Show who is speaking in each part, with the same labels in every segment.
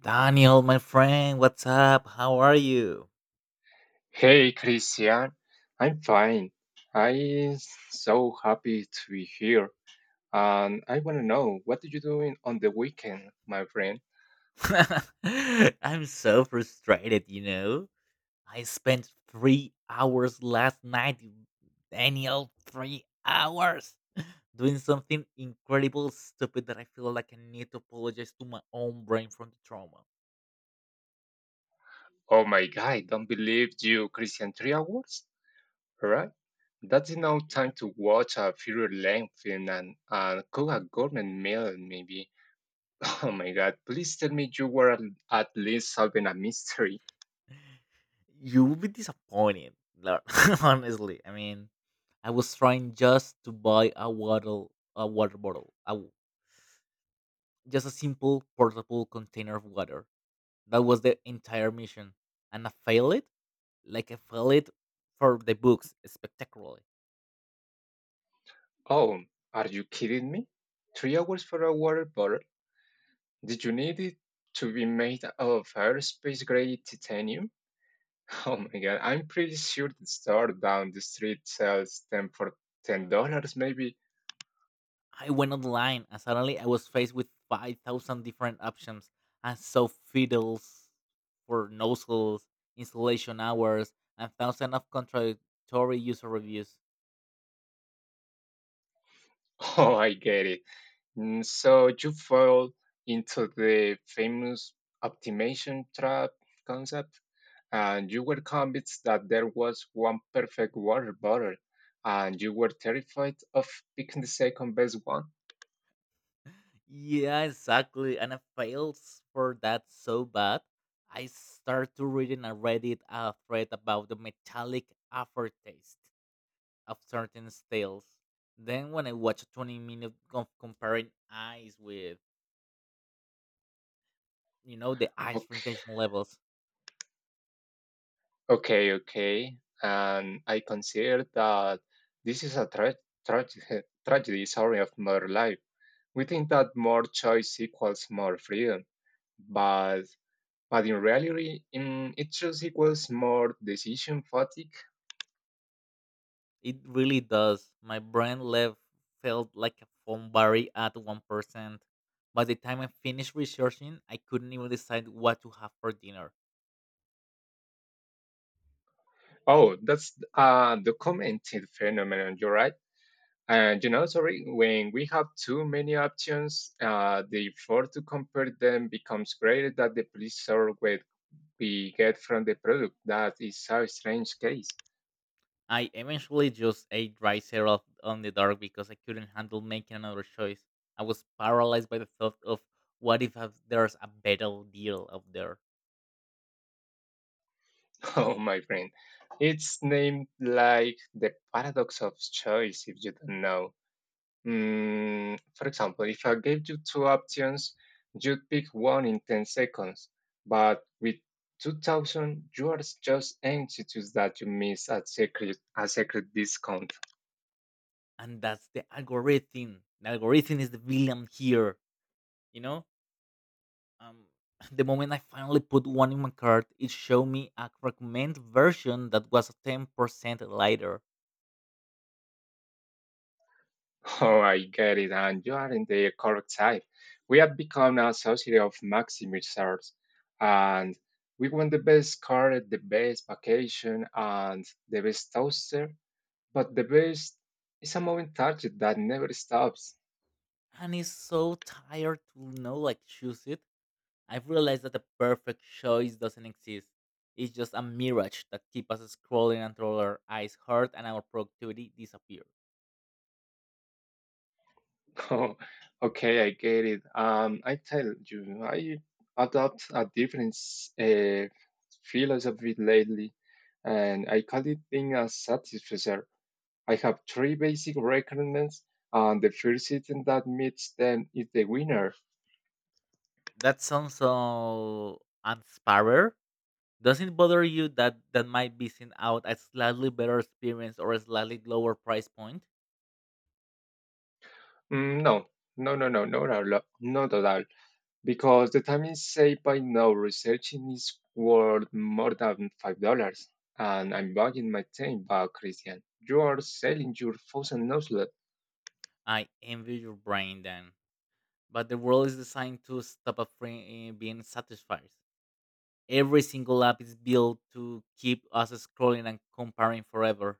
Speaker 1: Daniel, my friend, what's up? How are you?
Speaker 2: Hey Christian, I'm fine. I'm so happy to be here. And I want to know what did you doing on the weekend, my friend?
Speaker 1: I'm so frustrated, you know. I spent 3 hours last night, Daniel, 3 hours doing something incredible stupid that I feel like I need to apologize to my own brain from the trauma.
Speaker 2: Oh my god, I don't believe you, Christian. 3 hours? Right? That's enough
Speaker 1: Yeah.
Speaker 2: time to watch a feature length film and cook a gourmet meal, maybe. Oh my god, please tell me you were at least solving a mystery.
Speaker 1: You will be disappointed, Lord, honestly. I mean, I was trying just to buy a water bottle. Just a simple portable container of water. That was the entire mission. And I failed it, like I failed it for the books spectacularly.
Speaker 2: Oh, are you kidding me? 3 hours for a water bottle? Did you need it to be made of aerospace grade titanium? Oh my god, I'm pretty sure the store down the street sells them for $10 maybe.
Speaker 1: I went online and suddenly I was faced with 5,000 different options and so fiddles for nozzles, installation hours, and thousands of contradictory user reviews.
Speaker 2: Oh, I get it. So you fall into the famous optimization trap concept, and you were convinced that there was one perfect water bottle, and you were terrified of picking the second best one.
Speaker 1: Yeah, exactly. And I failed for that so bad. I start to reading a Reddit thread about the metallic aftertaste of certain steels. Then when I watched 20 minutes of comparing eyes with, the ice
Speaker 2: Okay,
Speaker 1: retention levels,
Speaker 2: okay. And I consider that this is a tragedy of modern life. We think that more choice equals more freedom, but in reality, it just equals more decision fatigue.
Speaker 1: it really does. My brain left felt like a foam berry at 1%. By the time I finished researching, I couldn't even decide what to have for dinner.
Speaker 2: Oh, that's a documented phenomenon, you're right. And you know, sorry, when we have too many options, the effort to compare them becomes greater than the pleasure we get from the product. That is a strange case.
Speaker 1: I eventually just ate rice here off on the dark because I couldn't handle making another choice. I was paralyzed by the thought of what if there's a better deal out there,
Speaker 2: Oh, my friend. It's named like the paradox of choice if you don't know. For example, if I gave you two options, you'd pick one in 10 seconds. But with 2000, you are just anxious that you miss a secret discount.
Speaker 1: and that's the algorithm. The algorithm is the villain here. You know, um, the moment I finally put one in my cart, it showed me a recommend version that was 10% lighter,
Speaker 2: Oh, I get it. And you are in the correct side. We have become a society of maximizers. And we want the best car, the best vacation, and the best toaster. But the best is a moving target that never stops.
Speaker 1: and it's so tired to know like choose it. I've realized that the perfect choice doesn't exist. It's just a mirage that keeps us scrolling until our eyes hurt and our productivity disappears.
Speaker 2: Oh, okay, I get it. I tell you, I adopt a different philosophy lately, and I call it being a satisficer. I have three basic requirements, and the first item that meets them is the winner.
Speaker 1: That sounds so inspiring. Doesn't it bother you that that might be seen out a slightly better experience or a slightly lower price point?
Speaker 2: No, no, not at all. Not at all, because the time is saved by now researching is worth more than $5. And I'm buying my time back, Christian. You are selling your thousand noselet.
Speaker 1: I envy your brain then. But the world is designed to stop us from being satisfied. Every single app is built to keep us scrolling and comparing forever.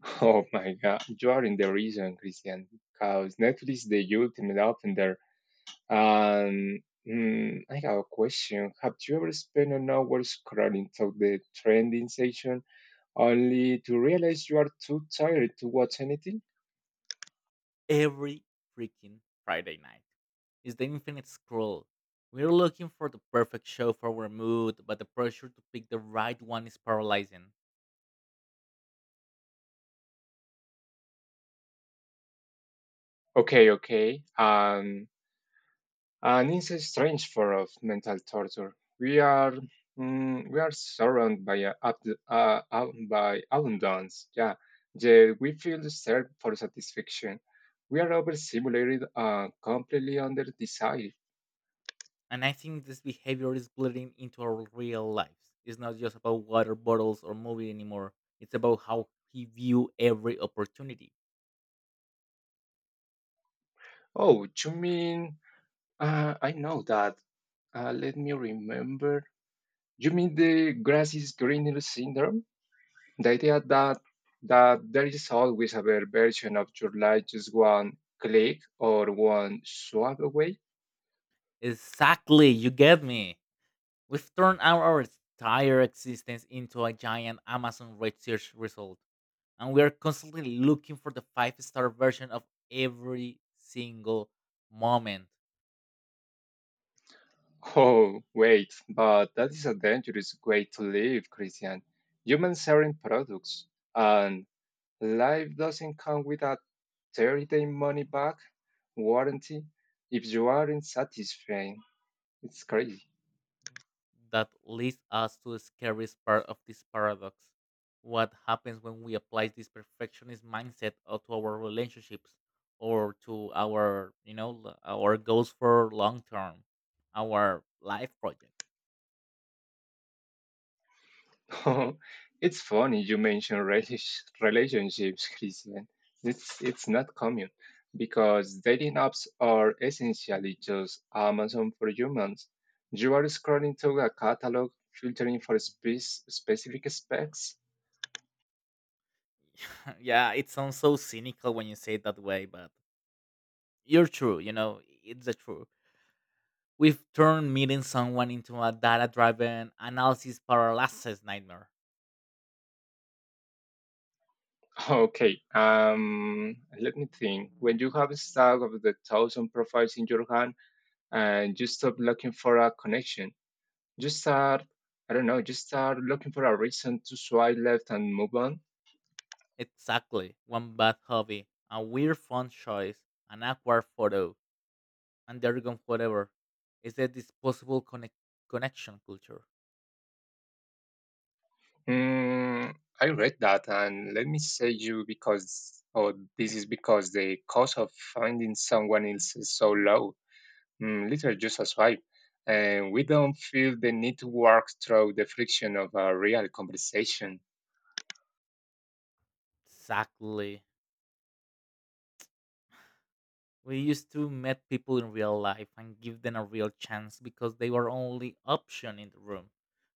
Speaker 2: Oh my god, you are in the reason, Christian, because Netflix is the ultimate offender. And I have a question. Have you ever spent an hour scrolling through the trending section only to realize you are too tired to watch anything?
Speaker 1: Every freaking Friday night. It's the infinite scroll. We're looking for the perfect show for our mood, but the pressure to pick the right one is paralyzing.
Speaker 2: Okay, okay. Um, And it's a strange form of mental torture. We are surrounded by by abundance. Yeah, yeah, we feel the search for satisfaction. We are overstimulated and completely under desire.
Speaker 1: And I think this behavior is bleeding into our real lives. It's not just about water bottles or movie anymore. It's about how we view every opportunity.
Speaker 2: Oh, you mean? I know that. Let me remember. You mean the grass is greener syndrome? The idea that there is always a better version of your life just one click or one swipe away.
Speaker 1: Exactly, you get me. We've turned our entire existence into a giant Amazon search result, and we are constantly looking for the five-star version of every single moment
Speaker 2: Oh, wait, but that is a dangerous way to live, Christian. Humans aren't products, and life doesn't come with a 30-day money back warranty if you aren't satisfied. It's crazy.
Speaker 1: that leads us to the scariest part of this paradox. What happens when we apply this perfectionist mindset to our relationships or to our, our goals for long term, our life project?
Speaker 2: Oh, it's funny you mention relish relationships, Christian. It's not common because dating apps are essentially just Amazon for humans. You are scrolling through a catalog, filtering for specific specs.
Speaker 1: Yeah, it sounds so cynical when you say it that way, but you're true. It's the truth. We've turned meeting someone into a data-driven analysis paralysis nightmare.
Speaker 2: Okay, let me think. When you have a stack of the 1,000 profiles in your hand and you stop looking for a connection, you start, I don't know, you start looking for a reason to swipe left and move on.
Speaker 1: Exactly. One bad hobby, a weird font choice, an awkward photo, and they're gone forever. It's a disposable connection culture.
Speaker 2: Mm, I read that, and let me say you because, or this is because the cost of finding someone else is so low. Literally just a swipe. And we don't feel the need to work through the friction of a real conversation.
Speaker 1: Exactly. We used to meet people in real life and give them a real chance because they were only option in the room.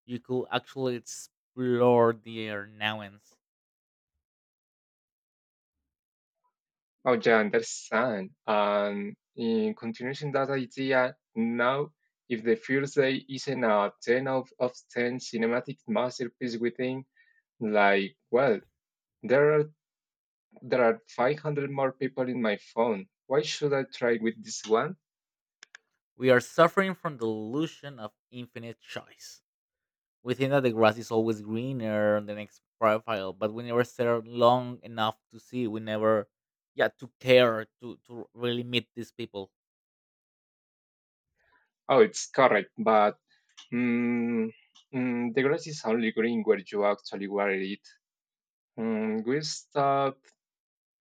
Speaker 1: You could actually explore their nuance.
Speaker 2: Oh, yeah, understand. And in continuation that idea, now if the first day isn't a 10 out of 10 cinematic masterpiece within, like, well, there are there are 500 more people in my phone. Why should I try with this one?
Speaker 1: We are suffering from the illusion of infinite choice. We think that the grass is always greener on the next profile, but we never stare long enough to see. We never, yeah, to care to really meet these people.
Speaker 2: Oh, it's correct, but Mm, the grass is only green where you actually water it. We stop.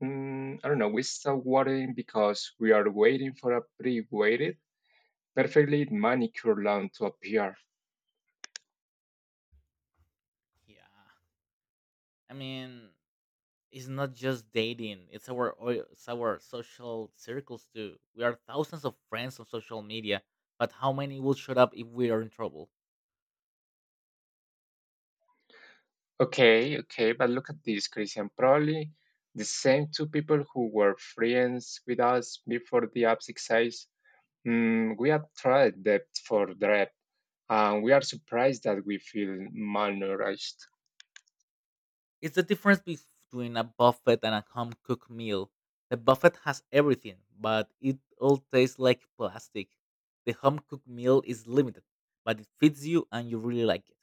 Speaker 2: I don't know. We stop watering because we are waiting for a pre-weighted, perfectly manicured lawn to appear.
Speaker 1: Yeah, I mean, it's not just dating; it's our social circles too. We are thousands of friends on social media, but how many will shut up if we are in trouble?
Speaker 2: Okay, okay, but look at this, Christian. Probably the same two people who were friends with us before the app exercise. We have tried depth for depth, and we are surprised that we feel malnourished.
Speaker 1: It's the difference between a buffet and a home cooked meal. The buffet has everything, but it all tastes like plastic. The home cooked meal is limited, but it fits you and you really like it.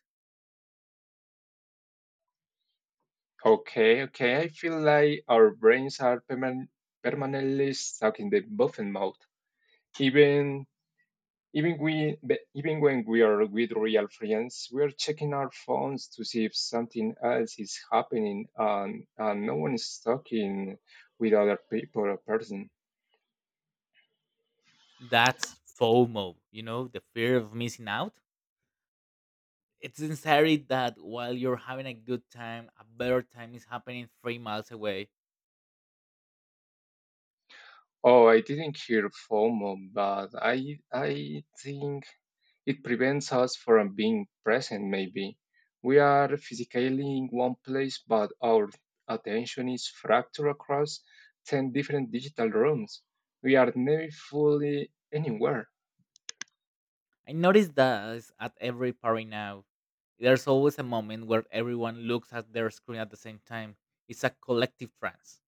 Speaker 2: Okay, okay. I feel like our brains are permanently stuck in the buffet mode. Even even when we are with real friends, we are checking our phones to see if something else is happening, and no one is talking with other people or person.
Speaker 1: That's FOMO, you know, the fear of missing out. It's the that while you're having a good time, a better time is happening 3 miles away.
Speaker 2: Oh, I didn't hear FOMO, but I think it prevents us from being present, maybe. We are physically in one place, but our attention is fractured across 10 different digital rooms. We are never fully anywhere.
Speaker 1: I notice that at every party now. There's always a moment where everyone looks at their screen at the same time. It's a collective trance.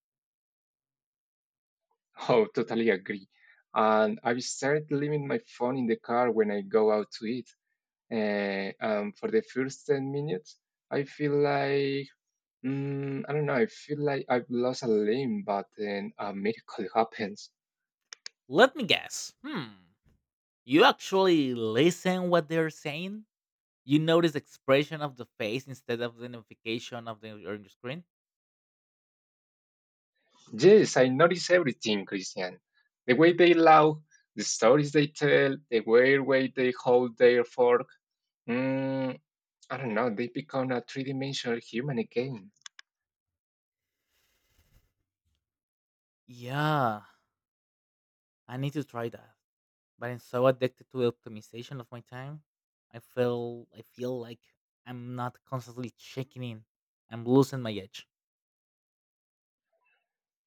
Speaker 2: Oh, totally agree. And I've started leaving my phone in the car when I go out to eat. For the first 10 minutes, I feel like, I don't know, I feel like I've lost a limb, but then a miracle happens.
Speaker 1: Let me guess. Hmm. You actually listen what they're saying? You notice expression of the face instead of the notification of the on your screen?
Speaker 2: Yes, I notice everything, Christian. The way they laugh, the stories they tell, the weird way they hold their fork. Mm, I don't know, they become a three dimensional human again.
Speaker 1: Yeah, I need to try that. But I'm so addicted to the optimization of my time. I feel like I'm not constantly checking in. I'm losing my edge.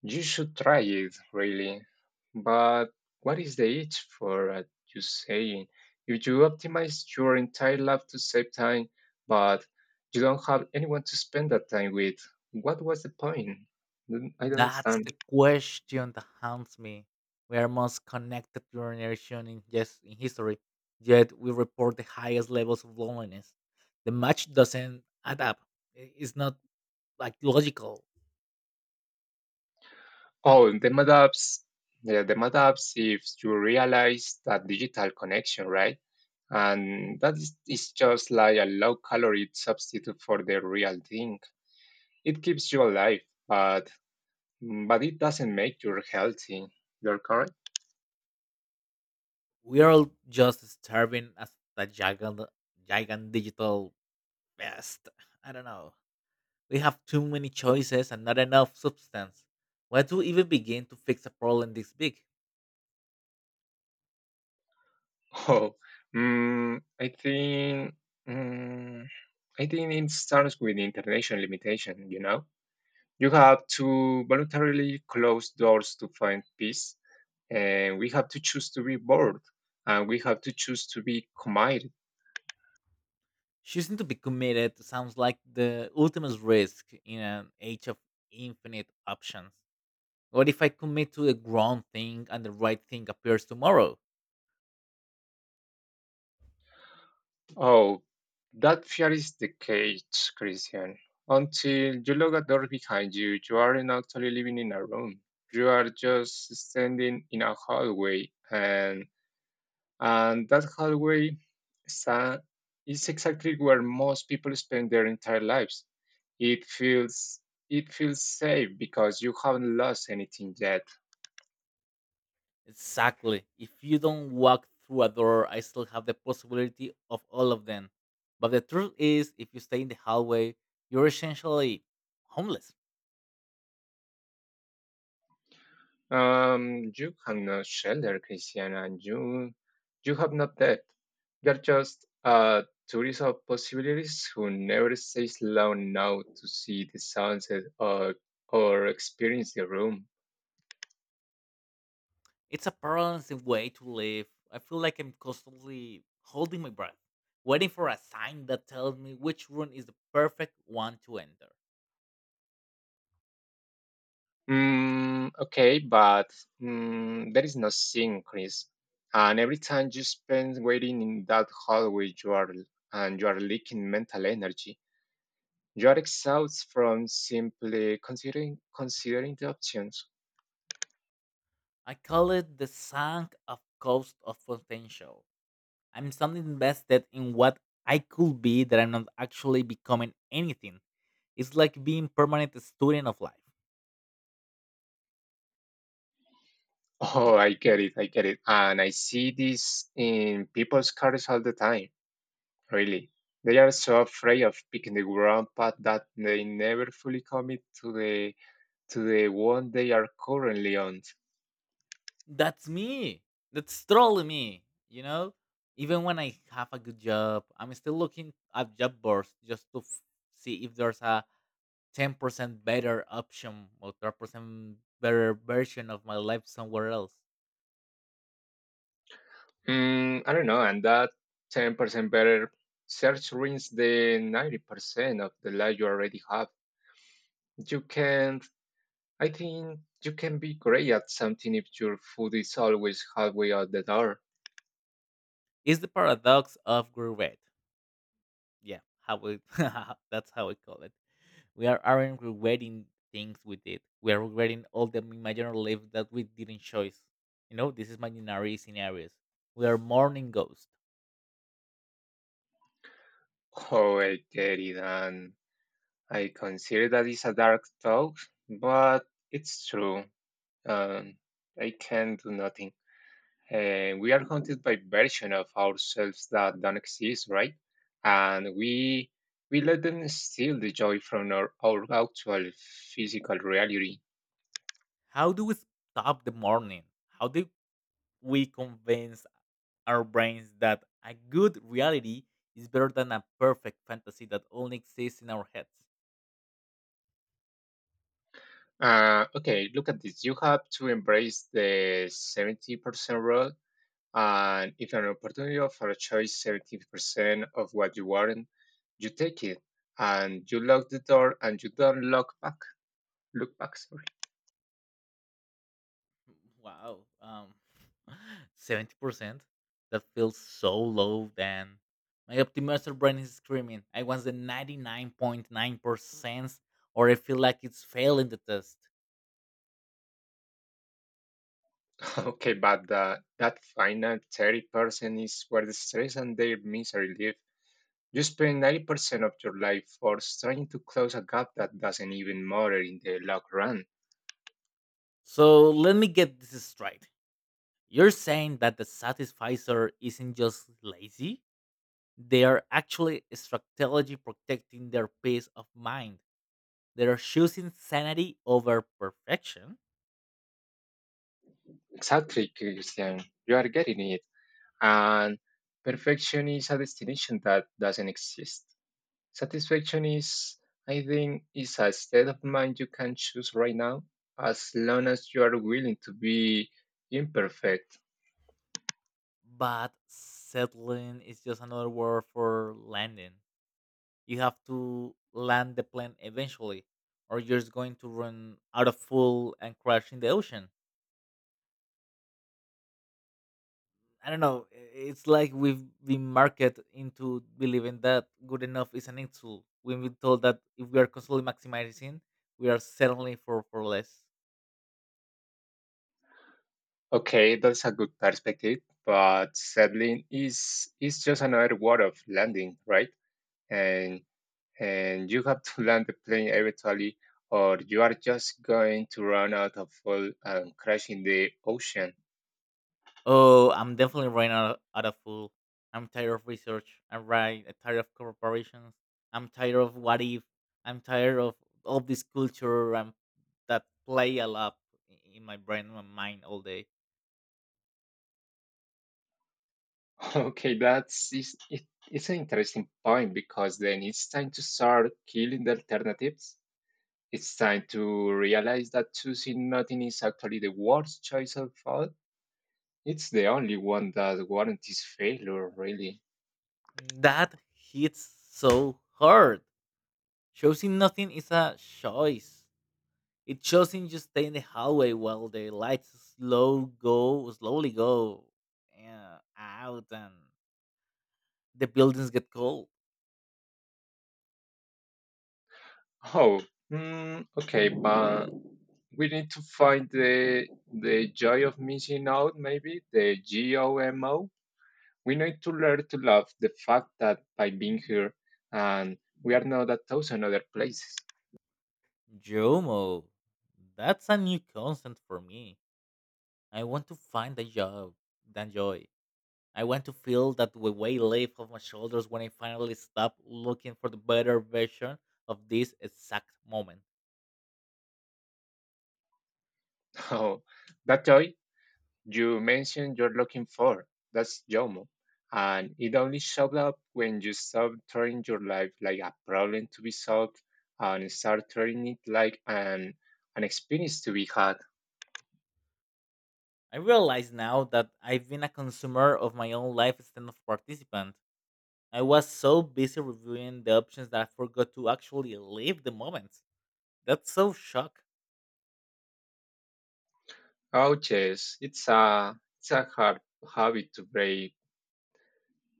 Speaker 2: You should try it, really. But what is the itch for you saying? If you optimize your entire life to save time, but you don't have anyone to spend that time with, what was the point? I don't
Speaker 1: That's
Speaker 2: understand.
Speaker 1: the question that haunts me. We are most connected generation in yes in history, yet we report the highest levels of loneliness. The match doesn't add up. It's not like logical.
Speaker 2: Oh, the mud apps, yeah, the mud apps, if you realize that digital connection, right? And that is just like a low calorie substitute for the real thing. It keeps you alive, but it doesn't make you healthy. You're correct?
Speaker 1: We are all just starving as the giant, giant digital best. I don't know. We have too many choices and not enough substance. Why to even begin to fix a problem this big?
Speaker 2: Oh, I think mm, I think it starts with international limitation, you know? You have to voluntarily close doors to find peace, and we have to choose to be bored, and we have to choose to be committed.
Speaker 1: Choosing to be committed sounds like the ultimate risk in an age of infinite options. What if I commit to the wrong thing and the right thing appears tomorrow?
Speaker 2: Oh, that fear is the cage, Christian. Until you lock a door behind you, you aren't actually living in a room. You are just standing in a hallway. And that hallway sta- is exactly where most people spend their entire lives. It feels it feels safe because you haven't lost anything yet.
Speaker 1: Exactly. If you don't walk through a door, I still have the possibility of all of them. But the truth is, if you stay in the hallway, you're essentially homeless.
Speaker 2: You have no shelter, Christian, and you have not debt. You're just a tourist of possibilities who never stays long enough to see the sunset or experience the room.
Speaker 1: It's a paralyzing way to live. I feel like I'm constantly holding my breath, waiting for a sign that tells me which room is the perfect one to enter.
Speaker 2: Okay, but there is no sink, Chris. And every time you spend waiting in that hallway, you are leaking mental energy. You are exhausted from simply considering the options.
Speaker 1: I call it the sunk of cost of potential. I'm something invested in what I could be that I'm not actually becoming anything. It's like being permanent student of life.
Speaker 2: I get it. And I see this in people's cars all the time, really. They are so afraid of picking the wrong path that they never fully commit to the one they are currently on.
Speaker 1: That's me. That's totally me. Even when I have a good job, I'm still looking at job boards just to see if there's a 10% better option or 10% better version of my life somewhere else.
Speaker 2: I don't know, and that 10% better search rings the 90% of the life you already have. You can, I think, you can be great at something if your food is always halfway out the door.
Speaker 1: It's the paradox of regret. Yeah, how we that's how we call it. We aren't regretting things we did. We are regretting all the imaginary lives that we didn't choose. This is imaginary scenarios. We are mourning ghosts.
Speaker 2: Oh, I get it, and I consider that is a dark talk, but it's true. Um, I can do nothing. And we are haunted by versions of ourselves that don't exist, right? And we let them steal the joy from our actual physical reality.
Speaker 1: How do we stop the mourning? How do we convince our brains that a good reality is better than a perfect fantasy that only exists in our heads?
Speaker 2: Okay, look at this. You have to embrace the 70% rule. And if an opportunity offers a choice 70% of what you want, you take it and you lock the door and you don't look back. Look back, sorry.
Speaker 1: Wow. 70%? That feels so low, then. My optimizer brain is screaming. I want the 99.9%, or I feel like it's failing the test.
Speaker 2: Okay, but that final 30% is where the stress and their misery live. You spend 90% of your life forced trying to close a gap that doesn't even matter in the long run.
Speaker 1: So let me get this straight. You're saying that the satisficer isn't just lazy, they are actually strategically protecting their peace of mind. They are choosing sanity over perfection.
Speaker 2: Exactly, Christian. You are getting it. And perfection is a destination that doesn't exist. Satisfaction is, I think, is a state of mind you can choose right now, as long as you are willing to be imperfect.
Speaker 1: But settling is just another word for landing. You have to land the plane eventually, or you're just going to run out of fuel and crash in the ocean. I don't know. It's like we've been marketed into believing that good enough is an insult. We've been told that if we are constantly maximizing, we are settling for less.
Speaker 2: Okay, that's a good perspective, but settling is just another word of landing, right? And you have to land the plane eventually, or you are just going to run out of fuel and crash in the ocean.
Speaker 1: Oh, I'm definitely running out of food. I'm tired of research. I'm right. I'm tired of corporations. I'm tired of what if. I'm tired of all this culture that play a lot in my brain my mind all day.
Speaker 2: Okay, it's an interesting point because then it's time to start killing the alternatives. It's time to realize that choosing nothing is actually the worst choice of all. It's the only one that warranties failure, really.
Speaker 1: That hits so hard. Choosing nothing is a choice. It choosing just stay in the hallway while the lights slowly go yeah, out and the buildings get cold.
Speaker 2: Oh, mm, okay, but we need to find the joy of missing out, maybe the GOMO. We need to learn to love the fact that by being here, and we are not a thousand other places.
Speaker 1: Jomo, that's a new concept for me. I want to find a job, than joy. I want to feel that the weight lift off my shoulders when I finally stop looking for the better version of this exact moment.
Speaker 2: Oh, that toy you mentioned you're looking for, that's Jomo. And it only showed up when you stopped turning your life like a problem to be solved and start turning it like an experience to be had.
Speaker 1: I realize now that I've been a consumer of my own life instead of participant. I was so busy reviewing the options that I forgot to actually live the moment. That's so shock,
Speaker 2: Oh, yes, it's a hard habit to break.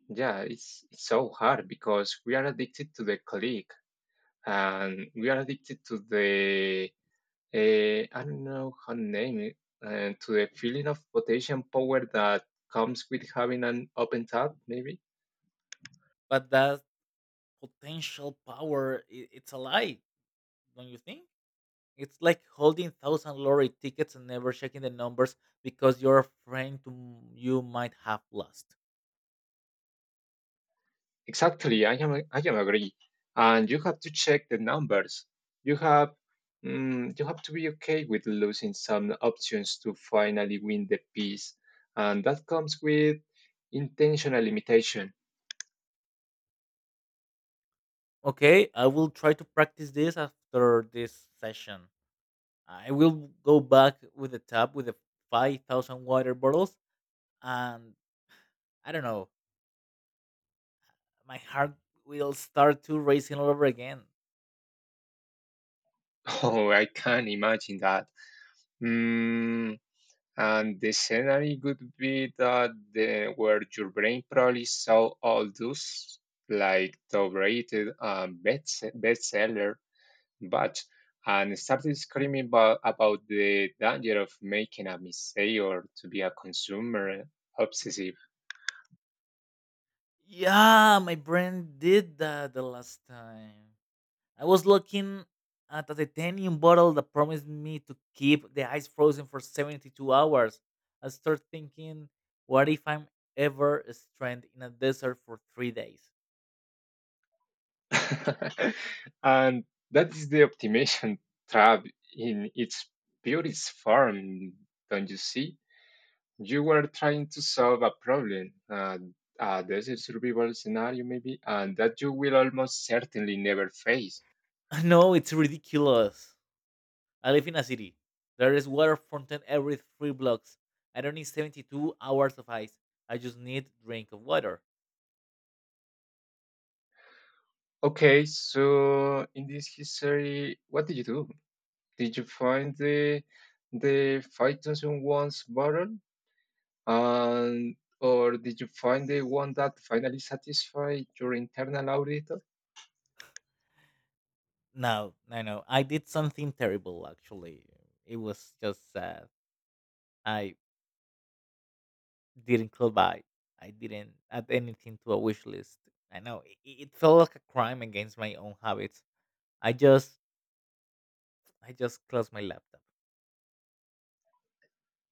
Speaker 2: Yeah, it's so hard because we are addicted to the click and we are addicted to the I don't know how to name it, and to the feeling of potential power that comes with having an open tab, maybe.
Speaker 1: but that potential power, it's a lie, don't you think? It's like holding thousand lorry tickets and never checking the numbers because you're afraid to, you might have lost.
Speaker 2: Exactly, I am agree. And you have to check the numbers. You have mm, you have to be okay with losing some options to finally win the piece, and that comes with intentional limitation.
Speaker 1: Okay, I will try to practice this after this session. I will go back with the tap with the 5,000 water bottles, and I don't know, my heart will start to racing all over again.
Speaker 2: Oh, I can imagine that. Mm, and the scenario could be that where your brain probably saw all those like top rated bestseller but and started screaming about the danger of making a mistake or to be a consumer obsessive.
Speaker 1: Yeah, my brain did that the last time. I was looking at a titanium bottle that promised me to keep the ice frozen for 72 hours. I started thinking, what if I'm ever stranded in a desert for 3 days?
Speaker 2: And that is the optimization trap in its purest form, don't you see? You were trying to solve a problem, a desert survival scenario maybe, and that you will almost certainly never face.
Speaker 1: No, it's ridiculous. I live in a city. There is water fountain every three blocks. I don't need 72 hours of ice. I just need drink of water.
Speaker 2: Okay, so in this history, what did you do? Did you find the 5,000 ones bottle? And or did you find the one that finally satisfied your internal auditor?
Speaker 1: No, no, no. I did something terrible actually. It was just sad. I didn't close by. I didn't add anything to a wish list. I know it felt like a crime against my own habits. I just I just closed my laptop.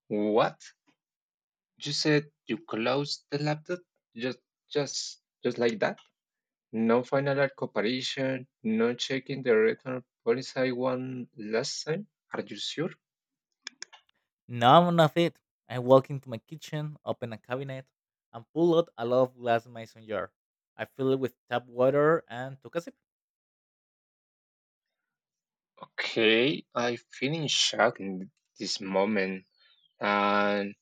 Speaker 2: What? You said you closed the laptop just just like that? No final at comparison, no checking the return policy one last time. Are you sure?
Speaker 1: No, not it. I walk into my kitchen, open a cabinet, and pull out a lot of glass mason jar. I fill it with tap water and took a sip.
Speaker 2: Okay, I feel in shock in this moment. And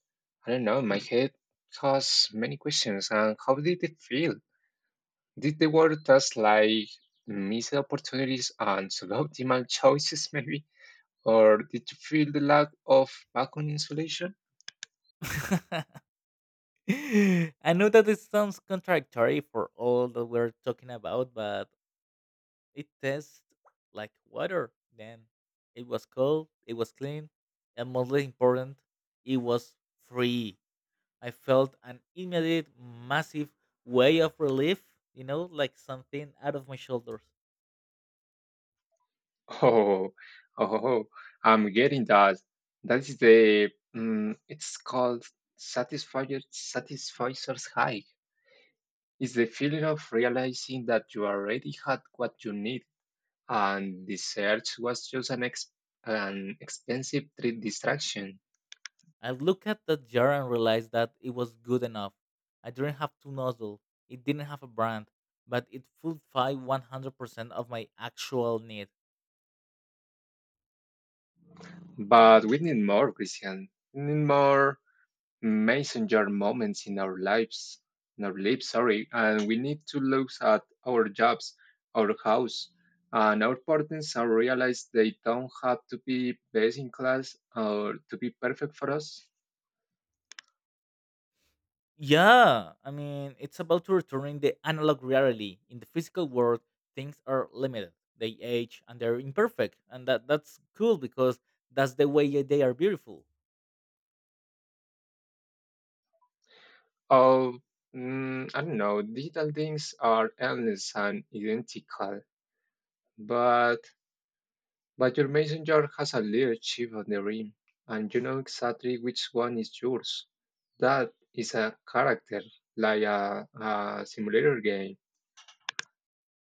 Speaker 2: I don't know, my head caused many questions. And how did it feel? Did the world just like missed opportunities and suboptimal choices, maybe? Or did you feel the lack of vacuum insulation?
Speaker 1: I know that it sounds contradictory for all that we're talking about, but it tastes like water. Then it was cold, it was clean, and most important, it was free. I felt an immediate, massive way of relief, like something out of my shoulders.
Speaker 2: Oh, oh, I'm getting that. That is the it's called satisfier's high. It's the feeling of realizing that you already had what you need, and the search was just an expensive distraction.
Speaker 1: I looked at the jar and realized that it was good enough. I didn't have to nozzle, it didn't have a brand, but it fulfilled 100% of my actual need.
Speaker 2: But we need more, Christian. We need more messenger moments in our lives, and we need to look at our jobs, our house, and our partners and realize they don't have to be best in class or to be perfect for us.
Speaker 1: Yeah, I mean, it's about to returning the analog reality. In the physical world, things are limited. They age and they're imperfect, and that that's cool because that's the way they are beautiful.
Speaker 2: Oh, mm, I don't know. Digital things are endless and identical, but your messenger has a little chip on the rim, and you know exactly which one is yours. That is a character, like a simulator game.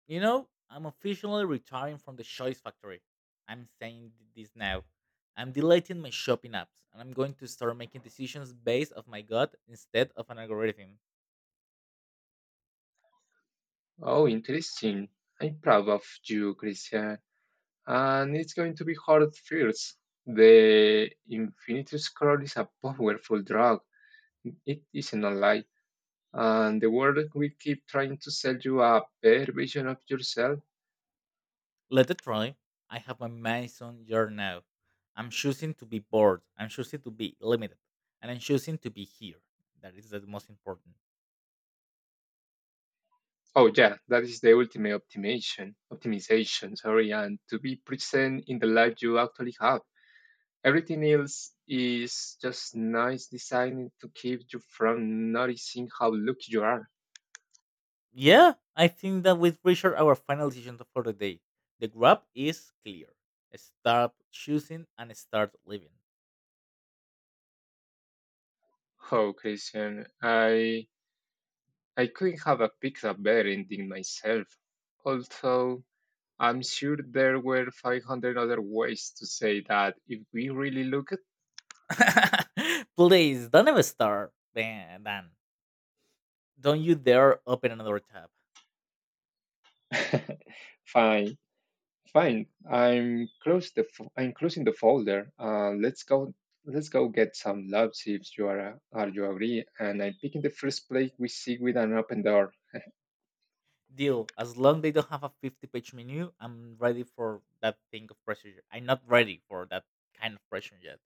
Speaker 1: I'm officially retiring from the choice factory. I'm saying this now. I'm deleting my shopping apps, and I'm going to start making decisions based of my gut instead of an algorithm.
Speaker 2: Oh, interesting. I'm proud of you, Christian. And it's going to be hard first. The Infinity Scroll is a powerful drug. It isn't a lie. And the world will keep trying to sell you a better version of yourself.
Speaker 1: Let it try. I have my Mason jar now. I'm choosing to be bored. I'm choosing to be limited. And I'm choosing to be here. That is the most important.
Speaker 2: Oh yeah, that is the ultimate Optimization, sorry, and to be present in the life you actually have. Everything else is just nice design to keep you from noticing how lucky you are.
Speaker 1: Yeah, I think that we've reached our final decision for the day. The grab is clear. Start choosing and start living.
Speaker 2: Oh, Christian, I couldn't have a picked a better ending myself. Although I'm sure there were 500 other ways to say that if we really look at.
Speaker 1: Please, don't ever start, Dan. Dan. Don't you dare open another tab.
Speaker 2: Fine, Fine. I'm closing the folder. Let's go. Let's go get some love. See if you are you agree. And I'm picking the first place we see with an open door.
Speaker 1: Deal. As long they don't have a 50-page menu, I'm ready for that thing of pressure. I'm not ready for that kind of pressure yet.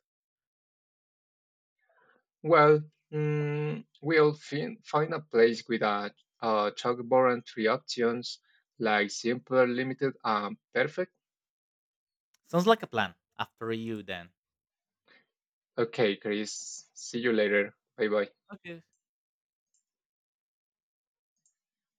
Speaker 2: Well, mm, find a place with a chalkboard and three options like simple, limited, and perfect.
Speaker 1: Sounds like a plan. After you, then.
Speaker 2: Okay, Chris. See you later. Bye bye.
Speaker 1: Okay,